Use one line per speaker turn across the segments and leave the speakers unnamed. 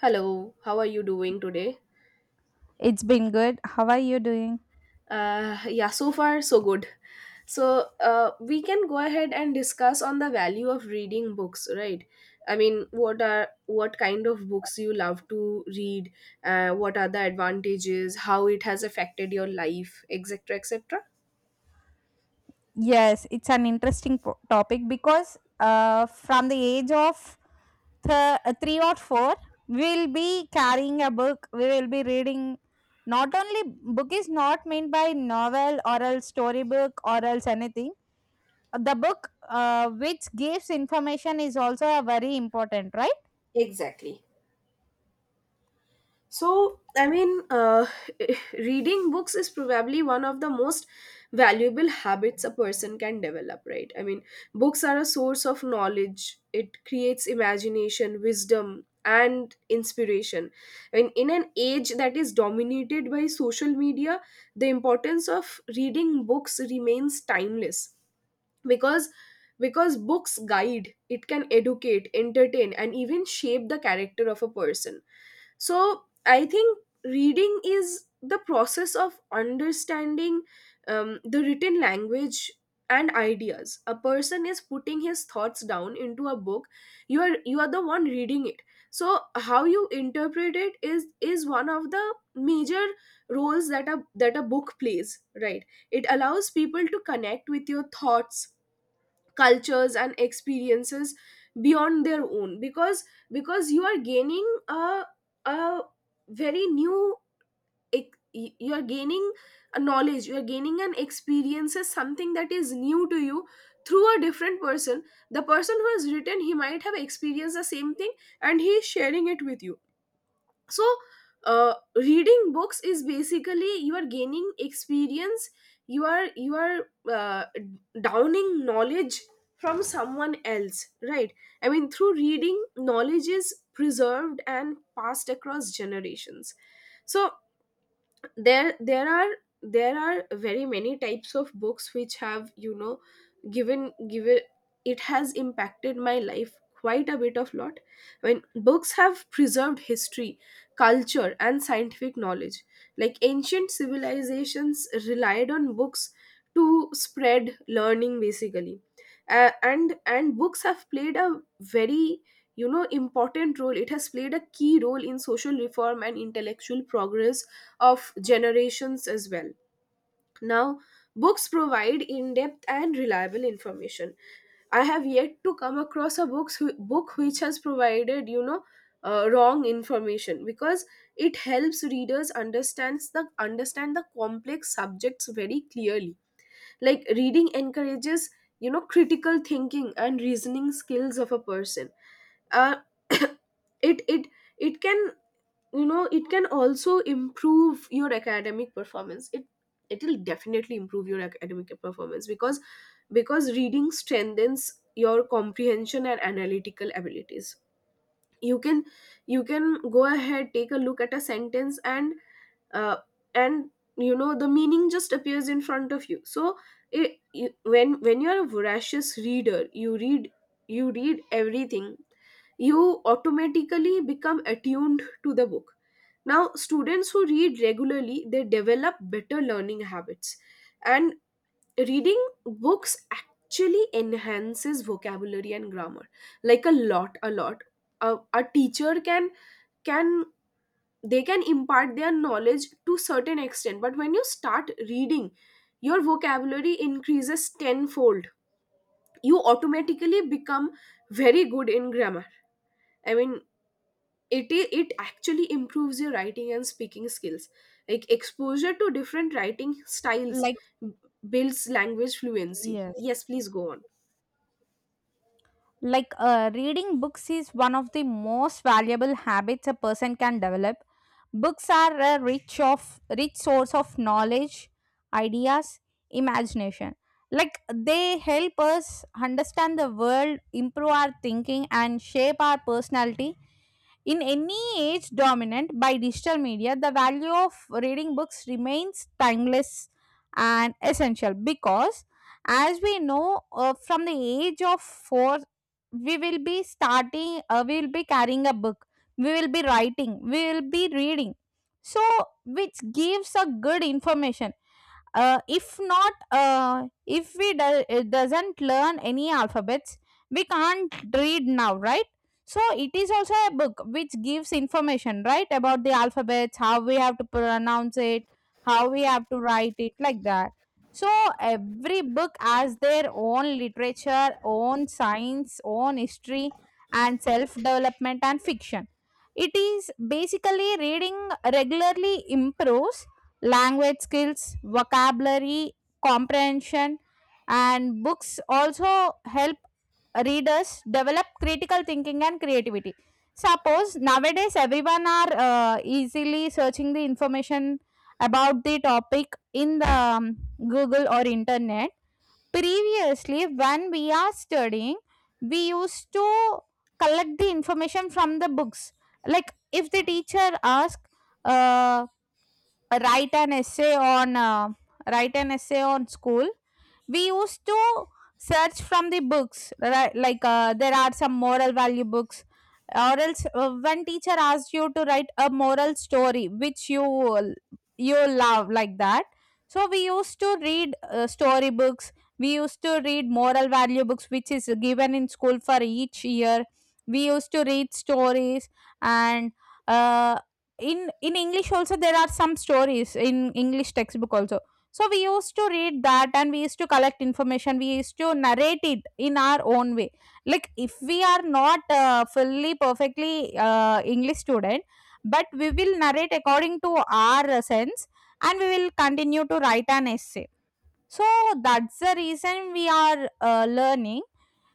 Hello, how are you doing today?
It's been good. How are you doing?
Yeah, so far so good. So we can go ahead and discuss on the value of reading books, right? I mean, what kind of books you love to read? What are the advantages? How it has affected your life, etc., etc.
Yes, it's an interesting topic because from the age of three or four, we will be carrying a book. We will be reading. Not only book is not meant by novel or else storybook or else anything. The book which gives information is also a very important, right?
Exactly. So, I mean, reading books is probably one of the most valuable habits a person can develop, right? I mean, books are a source of knowledge. It creates imagination, wisdom, and inspiration. I mean, in an age that is dominated by social media, the importance of reading books remains timeless, because books guide. It can educate, entertain, and even shape the character of a person. So I think reading is the process of understanding the written language and ideas. A person is putting his thoughts down into a book, you are the one reading it. So how you interpret it is one of the major roles that a book plays, right? It allows people to connect with your thoughts, cultures and experiences beyond their own, because you are gaining a very new you are gaining a knowledge. You are gaining an experience. Is something that is new to you through a different person. The person who has written, he might have experienced the same thing, and he is sharing it with you. So reading books is basically you are gaining experience. You are downing knowledge from someone else, right? I mean, through reading, knowledge is preserved and passed across generations. So there there are there are very many types of books which have, you know, given given it has impacted my life quite a bit of lot. When books have preserved history, culture and scientific knowledge, like ancient civilizations relied on books to spread learning basically. And books have played a very, you know, important role. It has played a key role in social reform and intellectual progress of generations as well. Now, books provide in depth and reliable information. I have yet to come across a book which has provided, you know, wrong information, because it helps readers understand the complex subjects very clearly. Like reading encourages, you know, critical thinking and reasoning skills of a person. Uh, it it it can it can also improve your academic performance. It'll definitely improve your academic performance, because reading strengthens your comprehension and analytical abilities. You can you can go ahead, take a look at a sentence, and uh, and you know the meaning just appears in front of you. So it, you, when you're a voracious reader, you read everything. You automatically become attuned to the book. Now, students who read regularly, they develop better learning habits, and reading books actually enhances vocabulary and grammar, like a lot. A teacher can they can impart their knowledge to certain extent, but when you start reading, your vocabulary increases tenfold. You automatically become very good in grammar. I mean, it actually improves your writing and speaking skills, like exposure to different writing styles
Like
b- builds language fluency.
yes.
Yes, please go on.
Like reading books is one of the most valuable habits a person can develop. Books are a rich source of knowledge, ideas, imagination. Like they help us understand the world, improve our thinking and shape our personality. In any age dominant by digital media, the value of reading books remains timeless and essential, because as we know, from the age of 4 we will be starting, we will be carrying a book, we will be writing, we will be reading. So which gives a good information, if not, if we do, it doesn't learn any alphabets, we can't read now, right? So it is also a book which gives information, right, about the alphabets, how we have to pronounce it, how we have to write it, like that. So every book has their own literature, own science, own history, and self development and fiction. It is basically reading regularly improves language skills, vocabulary, comprehension, and books also help readers develop critical thinking and creativity. Suppose nowadays everyone are easily searching the information about the topic in the Google or internet. Previously, when we are studying, we used to collect the information from the books. Like if the teacher asks, write an essay on uh, write an essay on school, we used to search from the books, right? Like there are some moral value books, or else when teacher asks you to write a moral story which you love, like that. So we used to read story books, we used to read moral value books which is given in school for each year, we used to read stories, and uh, in english also there are some stories in english textbook also. So we used to read that and we used to collect information. We used to narrate it in our own way. Like if we are not fully perfectly English student, but we will narrate according to our sense, and we will continue to write an essay. So that's the reason we are learning.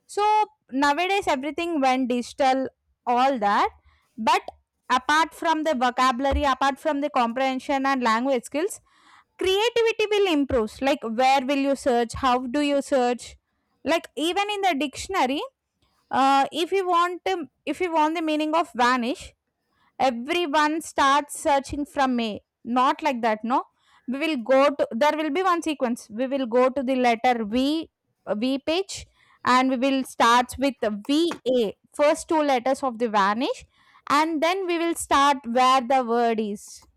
So nowadays everything went digital, all that. But apart from the vocabulary, apart from the comprehension and language skills, creativity will improve. Like where will you search? How do you search? Like even in the dictionary, if you want the meaning of vanish, everyone starts searching from A. Not like that, no. We will go to, there will be one sequence. We will go to the letter V, V page, and we will start with V A, first two letters of the vanish, and then we will start where the word is.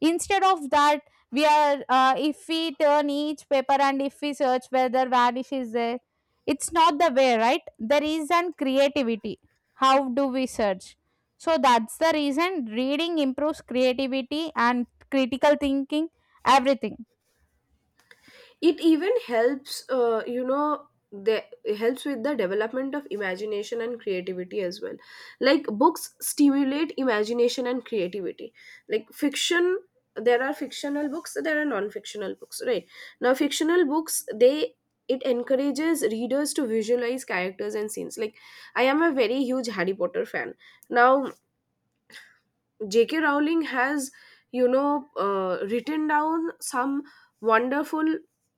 Instead of that, we are, if we turn each paper and if we search whether vanish is there, it's not the way, right? There is an creativity, how do we search? So that's the reason reading improves creativity and critical thinking, everything.
It even helps, you know the it helps with the development of imagination and creativity as well. Like books stimulate imagination and creativity, like fiction. There are fictional books, there are non-fictional books, right? Now fictional books, they it encourages readers to visualize characters and scenes, like I am a very huge Harry Potter fan. Now, J.K. Rowling has, written down some wonderful.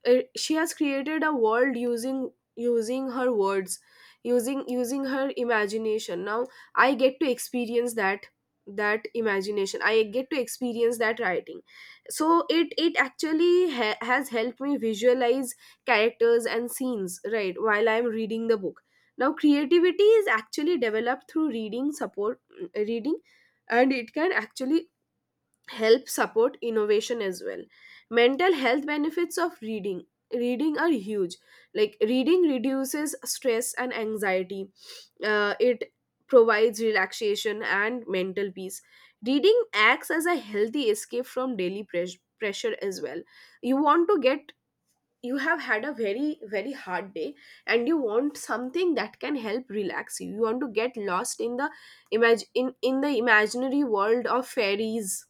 She has created a world using her words, using her imagination. Now I get to experience that imagination. I get to experience that writing. So it actually has helped me visualize characters and scenes, right, while I'm reading the book. Now creativity is actually developed through reading, and it can actually help support innovation as well. Mental health benefits of reading are huge. Like reading reduces stress and anxiety. It provides relaxation and mental peace. Reading acts as a healthy escape from daily pressure as well. You want to get You have had a very very hard day, and you want something that can help relax you. You want to get lost in the imag- in the imaginary world of fairies,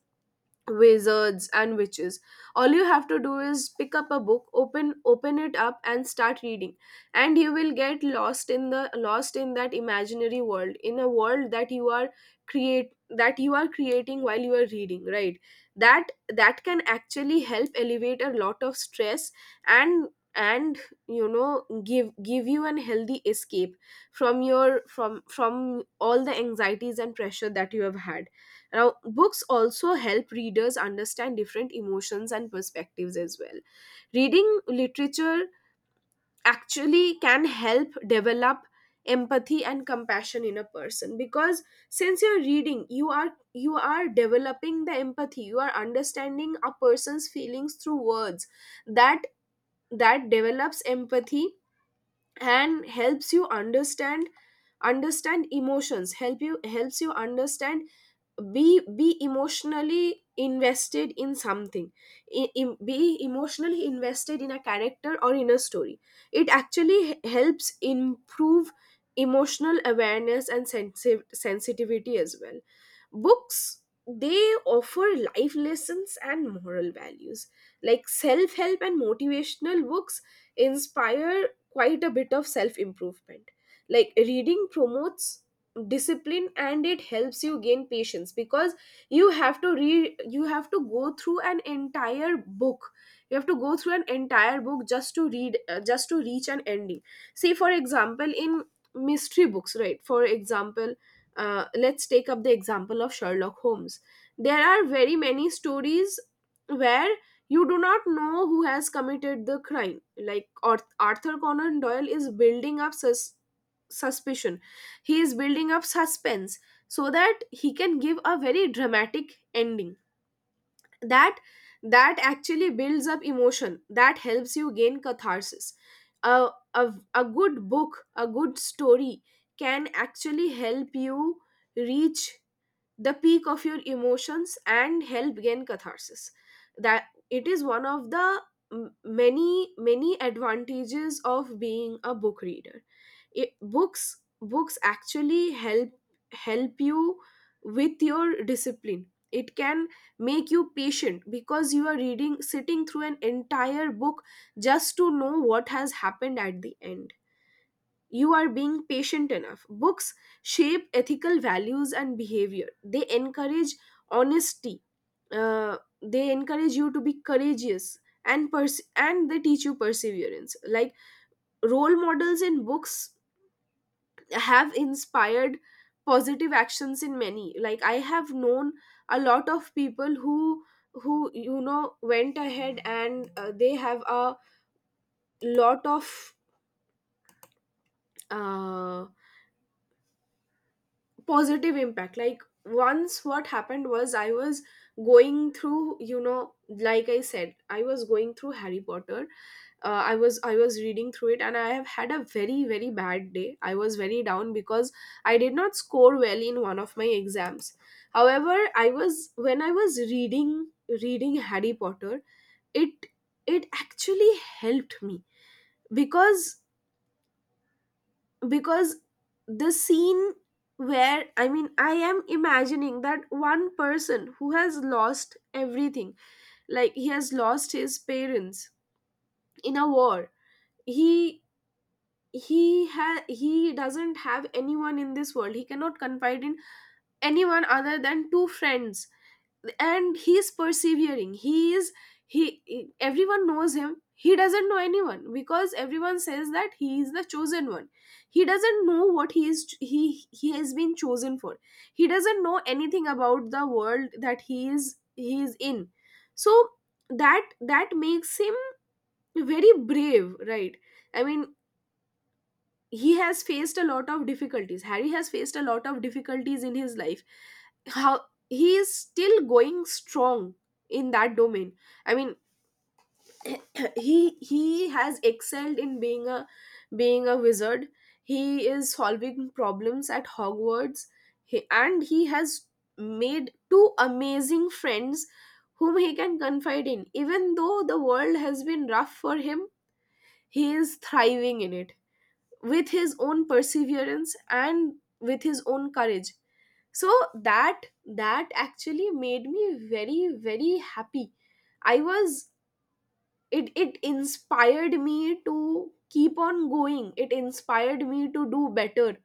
wizards and witches. All you have to do is pick up a book, open it up and start reading, and you will get lost in the lost in that imaginary world, in a world that you are creating while you are reading, right? That that can actually help elevate a lot of stress, and and you know, give you an healthy escape from your from all the anxieties and pressure that you have had. Now, books also help readers understand different emotions and perspectives as well. Reading literature actually can help develop empathy and compassion in a person, because since you're reading, you are developing the empathy. You are understanding a person's feelings through words. That that develops empathy and helps you understand understand emotions. Helps you understand, be emotionally invested in something. Be emotionally invested in a character or in a story. It actually helps improve emotional awareness and sensitivity as well. Books, they offer life lessons and moral values, like self-help and motivational books inspire quite a bit of self-improvement. Like reading promotes discipline, and it helps you gain patience, because you have to read. You have to go through an entire book. You have to go through an entire book, just to read just to reach an ending. See, for example, in mystery books, right? For example, let's take up the example of Sherlock Holmes. There are very many stories where you do not know who has committed the crime. Like Arthur Conan Doyle is building up suspicion. He is building up suspense so that he can give a very dramatic ending. That that actually builds up emotion. That helps you gain catharsis. A, a good book, a good story can actually help you reach the peak of your emotions and help gain catharsis. That it is one of the many many advantages of being a book reader. It, books books actually help you with your discipline. It can make you patient because you are reading, sitting through an entire book just to know what has happened at the end. You are being patient enough. Books shape ethical values and behavior. They encourage honesty. They encourage you to be courageous, and they teach you perseverance. Like role models in books have inspired positive actions in many. Like I have known a lot of people who you know, went ahead, and they have a lot of, uh, positive impact. Like once what happened was, I was going through, you know, like I said, I was going through Harry Potter. I was reading through it, and I have had a very very bad day. I was very down because I did not score well in one of my exams. However, I was when I was reading Harry Potter, it it actually helped me, because because the scene where, I mean, I am imagining that one person who has lost everything, like he has lost his parents in a war. he he doesn't have anyone in this world. He cannot confide in anyone other than two friends, and he's persevering. He is. He Everyone knows him. He doesn't know anyone because everyone says that he is the chosen one. He doesn't know what he is he has been chosen for. He doesn't know anything about the world that he is in. So that makes him very brave, right? I mean, he has faced a lot of difficulties. Harry has faced a lot of difficulties in his life. How he is still going strong in that domain, I mean, he has excelled in being a, wizard. He is solving problems at Hogwarts, he has made two amazing friends whom he can confide in. Even though the world has been rough for him, he is thriving in it with his own perseverance and with his own courage. So that actually made me very very happy. I was it it inspired me to keep on going. It inspired me to do better.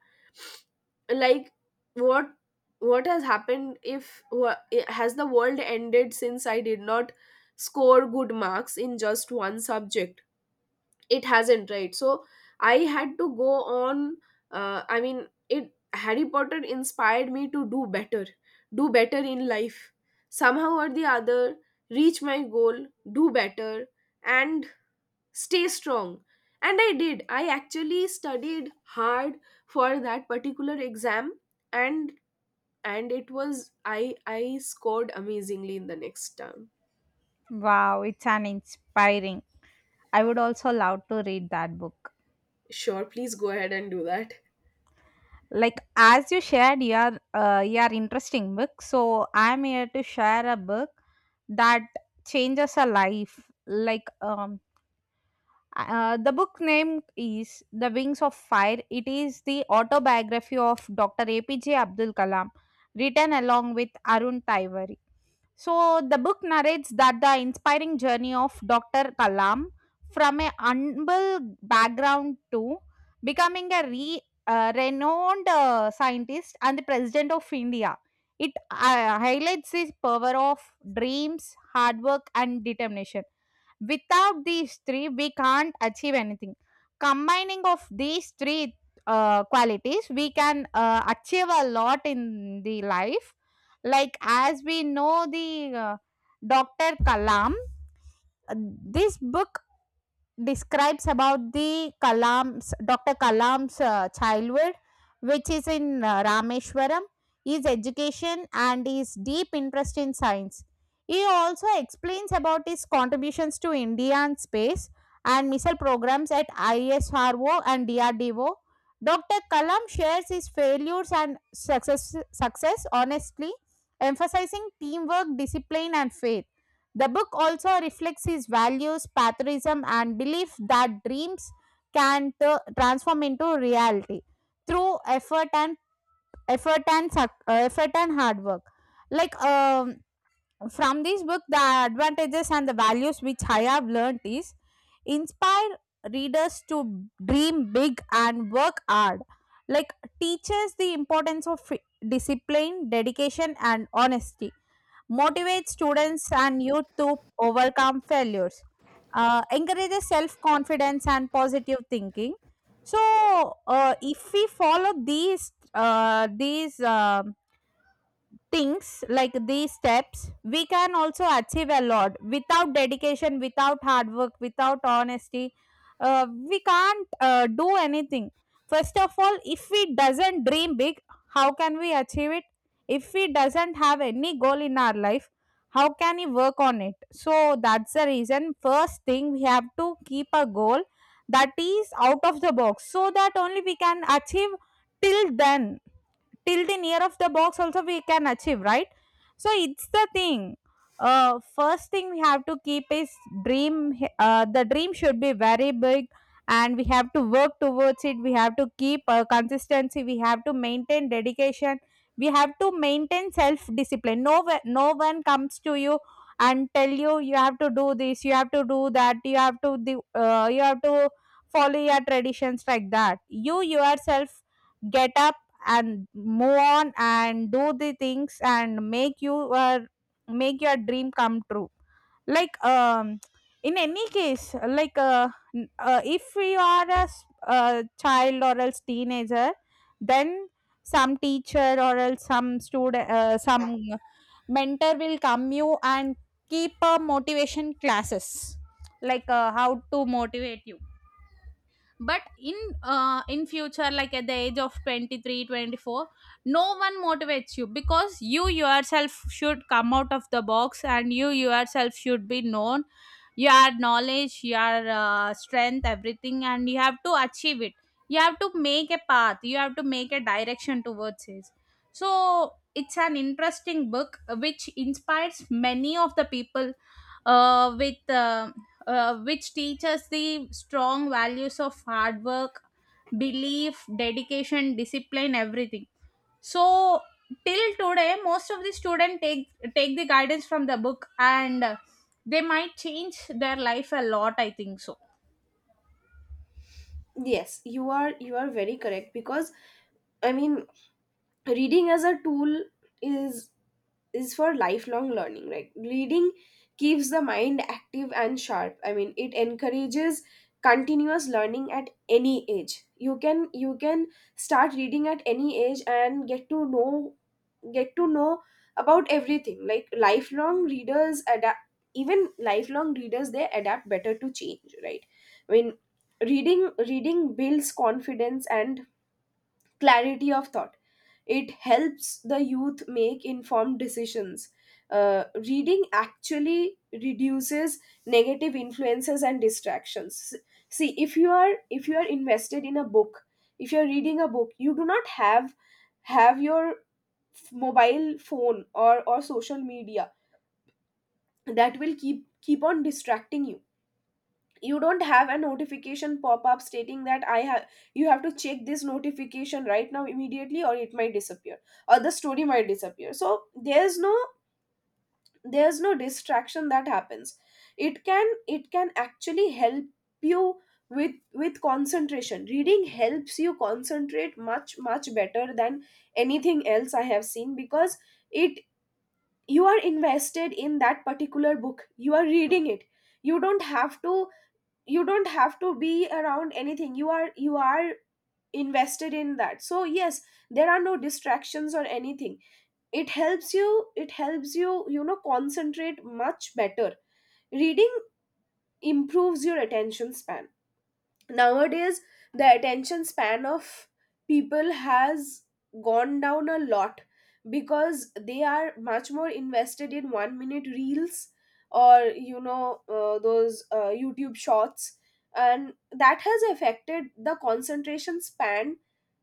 Like what what has happened? If wha- Has the world ended since I did not score good marks in just one subject? It hasn't, right? So I had to go on. I mean, it Harry Potter inspired me to do better. Do better in life, somehow or the other. Reach my goal, do better, and stay strong. And I actually studied hard for that particular exam. And and it was, I scored amazingly in the next term.
Wow, it's an inspiring, I would also love to read that book.
Sure, please go ahead and do that.
Like as you shared your your interesting book, so I'm here to share a book that changes a life. Like the book name is the wings of fire, it is the autobiography of Dr. APJ abdul kalam, written along with arun taiwari. So the book narrates that the inspiring journey of Dr. Kalam from a humble background to becoming a renowned scientist and the president of India. It highlights his power of dreams, hard work, and determination. Without these three, we can't achieve anything. Combining of these three qualities, we can achieve a lot in the life. Like as we know, the Dr. Kalam, this book describes about the Kalam's Dr. Kalam's childhood, which is in Rameshwaram, his education, and his deep interest in science. He also explains about his contributions to Indian space and missile programs at ISRO and DRDO. Dr. Kalam shares his failures and success honestly, emphasizing teamwork, discipline, and faith. The book also reflects his values, patriotism, and belief that dreams can transform into reality through effort and hard work. Like from this book, the advantages and the values which I have learnt is, inspire readers to dream big and work hard, like teaches the importance of discipline, dedication and honesty, motivates students and youth to overcome failures, encourages self-confidence and positive thinking. So if we follow these things, like these steps, we can also achieve a lot. Without dedication, without hard work, without honesty, we can't do anything. First of all, if we doesn't dream big, how can we achieve it? If we doesn't have any goal in our life, how can we work on it? So that's the reason, first thing we have to keep a goal that is out of the box, so that only we can achieve. Till then, till the near of the box also we can achieve, right? So it's the thing, first thing we have to keep is dream, the dream should be very big, and we have to work towards it. We have to keep consistency, we have to maintain dedication, we have to maintain self discipline. No one comes to you and tell you you have to do this, you have to do that, you have to you have to follow your traditions, like that. You yourself get up and move on and do the things and uh, make your dream come true. Like in any case, like if we are a child or else teenager, then some teacher or else some student, some mentor will come you and keep a motivation classes, like how to motivate you. But in future, like at the age of 23, 24, no one motivates you, because you yourself should come out of the box and you yourself should be known your knowledge, your strength, everything, and you have to achieve it. You have to make a path, you have to make a direction towards it. So it's an interesting book which inspires many of the people, with which teaches the strong values of hard work, belief, dedication, discipline, everything. So till today, most of the students take the guidance from the book, and they might change their life a lot, I think so.
Yes, you are very correct because, I mean, reading as a tool is is for lifelong learning, right? Reading keeps the mind active and sharp. I mean, it encourages continuous learning at any age. You can start reading at any age and get to know, get to know about everything. Like lifelong readers adapt, even lifelong readers, they adapt better to change, right? I mean, reading builds confidence and clarity of thought. It helps the youth make informed decisions. Reading actually reduces negative influences and distractions. See, if you are, if you are invested in a book, if you are reading a book, you do not have your mobile phone or social media that will keep on distracting you. You don't have a notification pop up stating that I have, you have to check this notification right now immediately or it might disappear, or the story might disappear. So there's no there's no distraction that happens. It can it can actually help you with with concentration. Reading helps you concentrate much, much better than anything else I have seen, because it, you are invested in that particular book, you are reading it. You don't have to you don't have to be around anything. You are invested in that. So yes, there are no distractions or anything. It helps you it helps you you know, concentrate much better. Reading improves your attention span. Nowadays, the attention span of people has gone down a lot because they are much more invested in 1 minute reels, or you know those youtube shorts, and that has affected the concentration span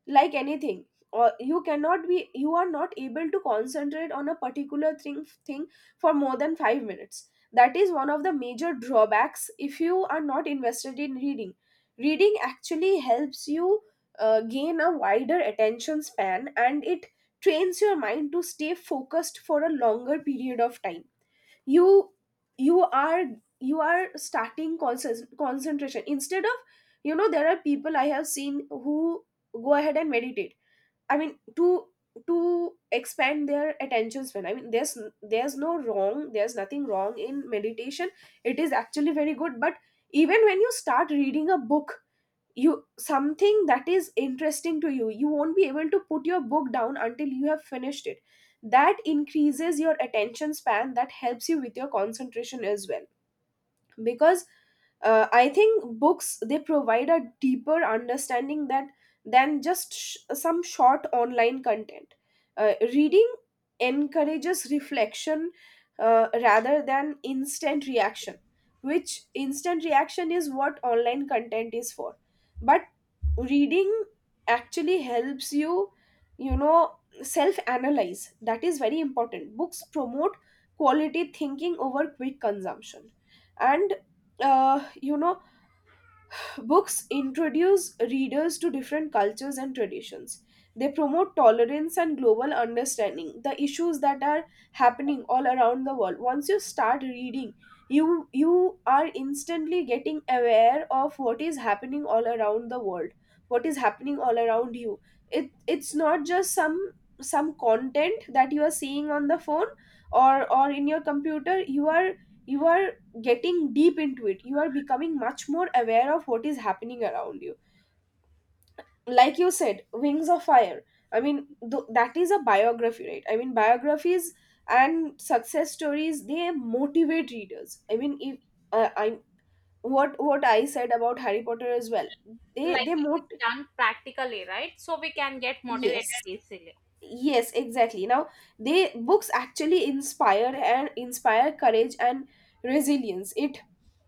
like anything. Or you cannot be, you are not able to concentrate on a particular thing for more than 5 minutes. That is one of the major drawbacks. If you are not invested in reading, reading actually helps you gain a wider attention span, and it trains your mind to stay focused for a longer period of time. You you are you are starting concentration instead of, you know, there are people I have seen who go ahead and meditate, I mean, to expand their attention span. I mean, there's nothing wrong in meditation. It is actually very good. But even when you start reading a book, you, something that is interesting to you, you won't be able to put your book down until you have finished it. That increases your attention span, that helps you with your concentration as well. Because I think books, they provide a deeper understanding that than just some short online content. Reading encourages reflection rather than instant reaction, which instant reaction is what online content is for. But reading actually helps you, you know, self analyze. That is very important. Books promote quality thinking over quick consumption. And you know, books introduce readers to different cultures and traditions. They promote tolerance and global understanding. The issues that are happening all around the world, once you start reading, you are instantly getting aware of what is happening all around the world, what is happening all around you. It's not just some content that you are seeing on the phone, or in your computer. You are getting deep into it. You are becoming much more aware of what is happening around you. Like you said, Wings of Fire, I mean, that is a biography, right? I mean, biographies and success stories, they motivate readers. I mean, if I what I said about Harry Potter as well,
Like
they
it
mot,
is done practically, right? So we can get motivated
yes,
easily.
yes, exactly. Now, they, books actually inspire and inspire courage and resilience. It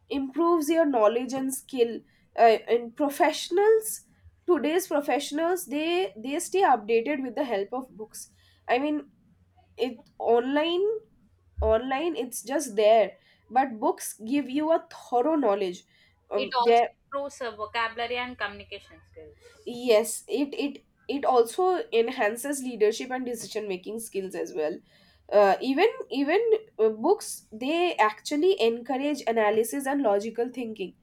improves your knowledge and skill. And professionals, today's professionals, they stay updated with the help of books. I mean, it, online, online, it's just there, but books give you a thorough knowledge.
It also
There,
improves vocabulary and communication skills.
yes, it it also enhances leadership and decision making skills as well. Even even Books, they actually encourage analysis and logical thinking.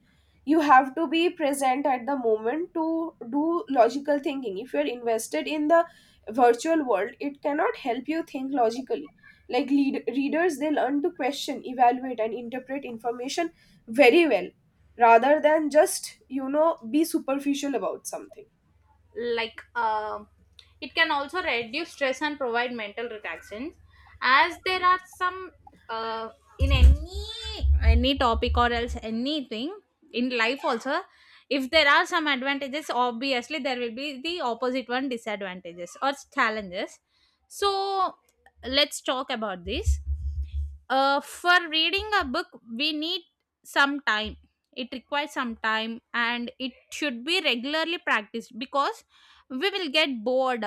You have to be present at the moment to do logical thinking. If you're invested in the virtual world, it cannot help you think logically. Like readers, they learn to question, evaluate and interpret information very well, rather than just, you know, be superficial about something.
Like it can also reduce stress and provide mental relaxation, as there are some, uh, in any topic or else anything in life also, if there are some advantages, obviously there will be the opposite one, disadvantages or challenges. So let's talk about this, for reading a book, we need some time. It requires some time and it should be regularly practiced, because we will get bored.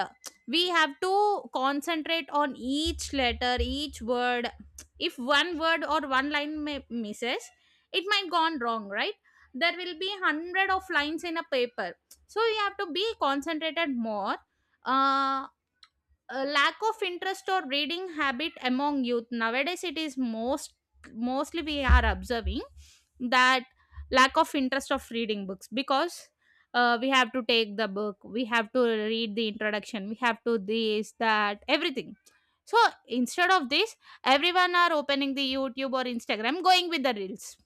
We have to concentrate on each letter, each word. If one word or one line may misses, it might gone wrong, right? There will be hundred of lines in a paper, so you have to be concentrated more. uh, a lack of interest or reading habit among youth nowadays, it is mostly we are observing that lack of interest of reading books, because we have to take the book, we have to read the introduction, we have to this that everything. So instead of this, everyone are opening the youtube or instagram, going with the reels.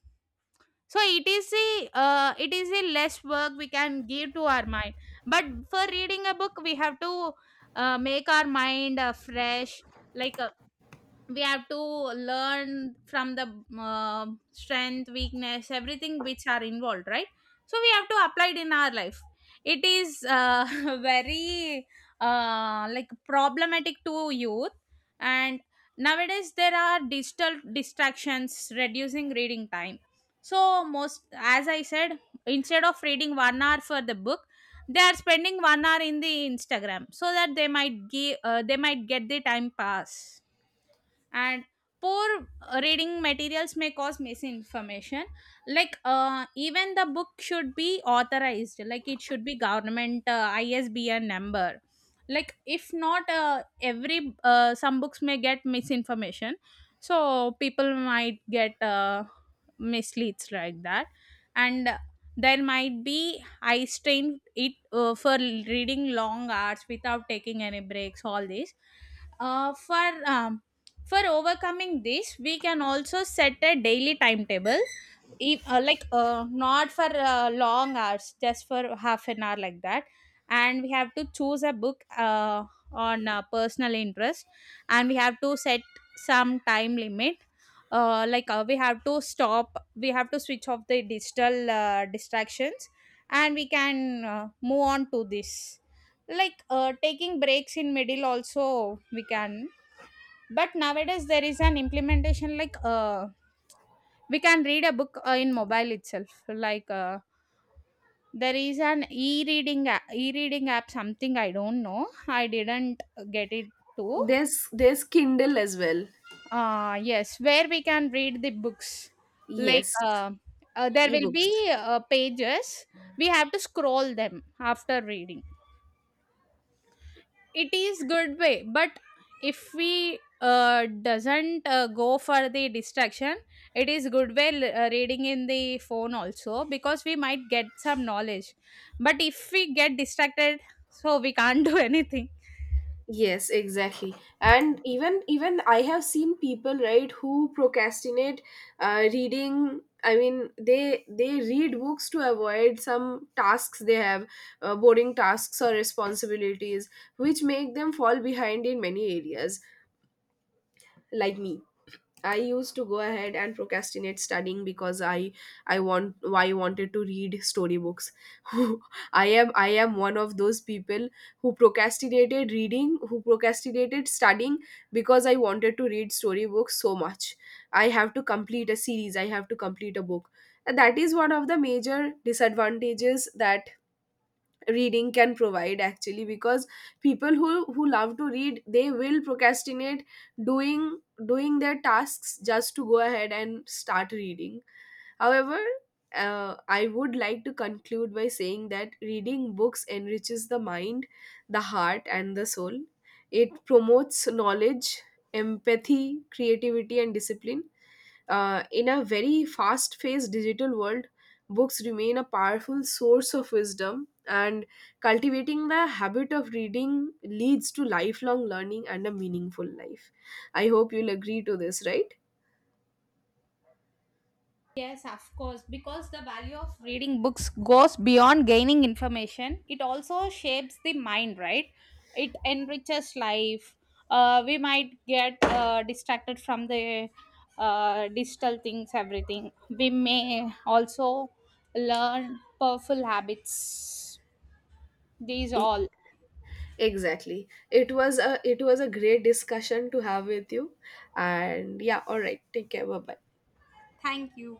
So it is a less work we can give to our mind. But for reading a book, we have to make our mind fresh. Like we have to learn from the strength, weakness, everything which are involved, right? So we have to apply it in our life. It is very, like, problematic to youth. And nowadays there are digital distractions reducing reading time. So most, as I said, instead of reading 1 hour for the book, they are spending 1 hour in the instagram, so that they might get the time pass. And poor reading materials may cause misinformation. Like even the book should be authorized, like it should be government ISBN number. Like if not, every some books may get misinformation, so people might get misleads, like that. And there might be I strain it, for reading long hours without taking any breaks, all this. For for overcoming this, we can also set a daily timetable, like not for long hours, just for half an hour, like that. And we have to choose a book on personal interest, and we have to set some time limit. Like we have to stop, we have to switch off the digital distractions, and we can move on to this. Like taking breaks in middle, also we can. But nowadays there is an implementation, like we can read a book in mobile itself, like there is an e-reading app something, I don't know, I didn't get it too.
There's Kindle as well.
Yes, where we can read the books. Like
Yes,
there will be
ebooks.
pages, we have to scroll them after reading. It is good way, but if we doesn't go for the distraction, it is good way, reading in the phone also, because we might get some knowledge. But if we get distracted, so we can't do anything.
Yes, exactly. And even I have seen people, right, who procrastinate reading. I mean, they read books to avoid some tasks they have, boring tasks or responsibilities, which make them fall behind in many areas. Like me, I used to go ahead and procrastinate studying because I want I wanted to read storybooks. I am one of those people who procrastinated reading, who procrastinated studying, because I wanted to read storybooks so much. I have to complete a series, I have to complete a book. And that is one of the major disadvantages that reading can provide actually, because people who love to read, they will procrastinate doing doing their tasks just to go ahead and start reading. However, I would like to conclude by saying that reading books enriches the mind, the heart and the soul. It promotes knowledge, empathy, creativity and discipline. In a very fast paced digital world, books remain a powerful source of wisdom, and cultivating the habit of reading leads to lifelong learning and a meaningful life. I hope you'll agree to this, right?
Yes, of course, because the value of reading books goes beyond gaining information. It also shapes the mind, right? It enriches life. We might get distracted from the digital things, everything. We may also learn powerful habits. These
E-
all.
Exactly. It was a, it was a great discussion to have with you. And yeah, all right. Take care. Bye bye.
Thank you.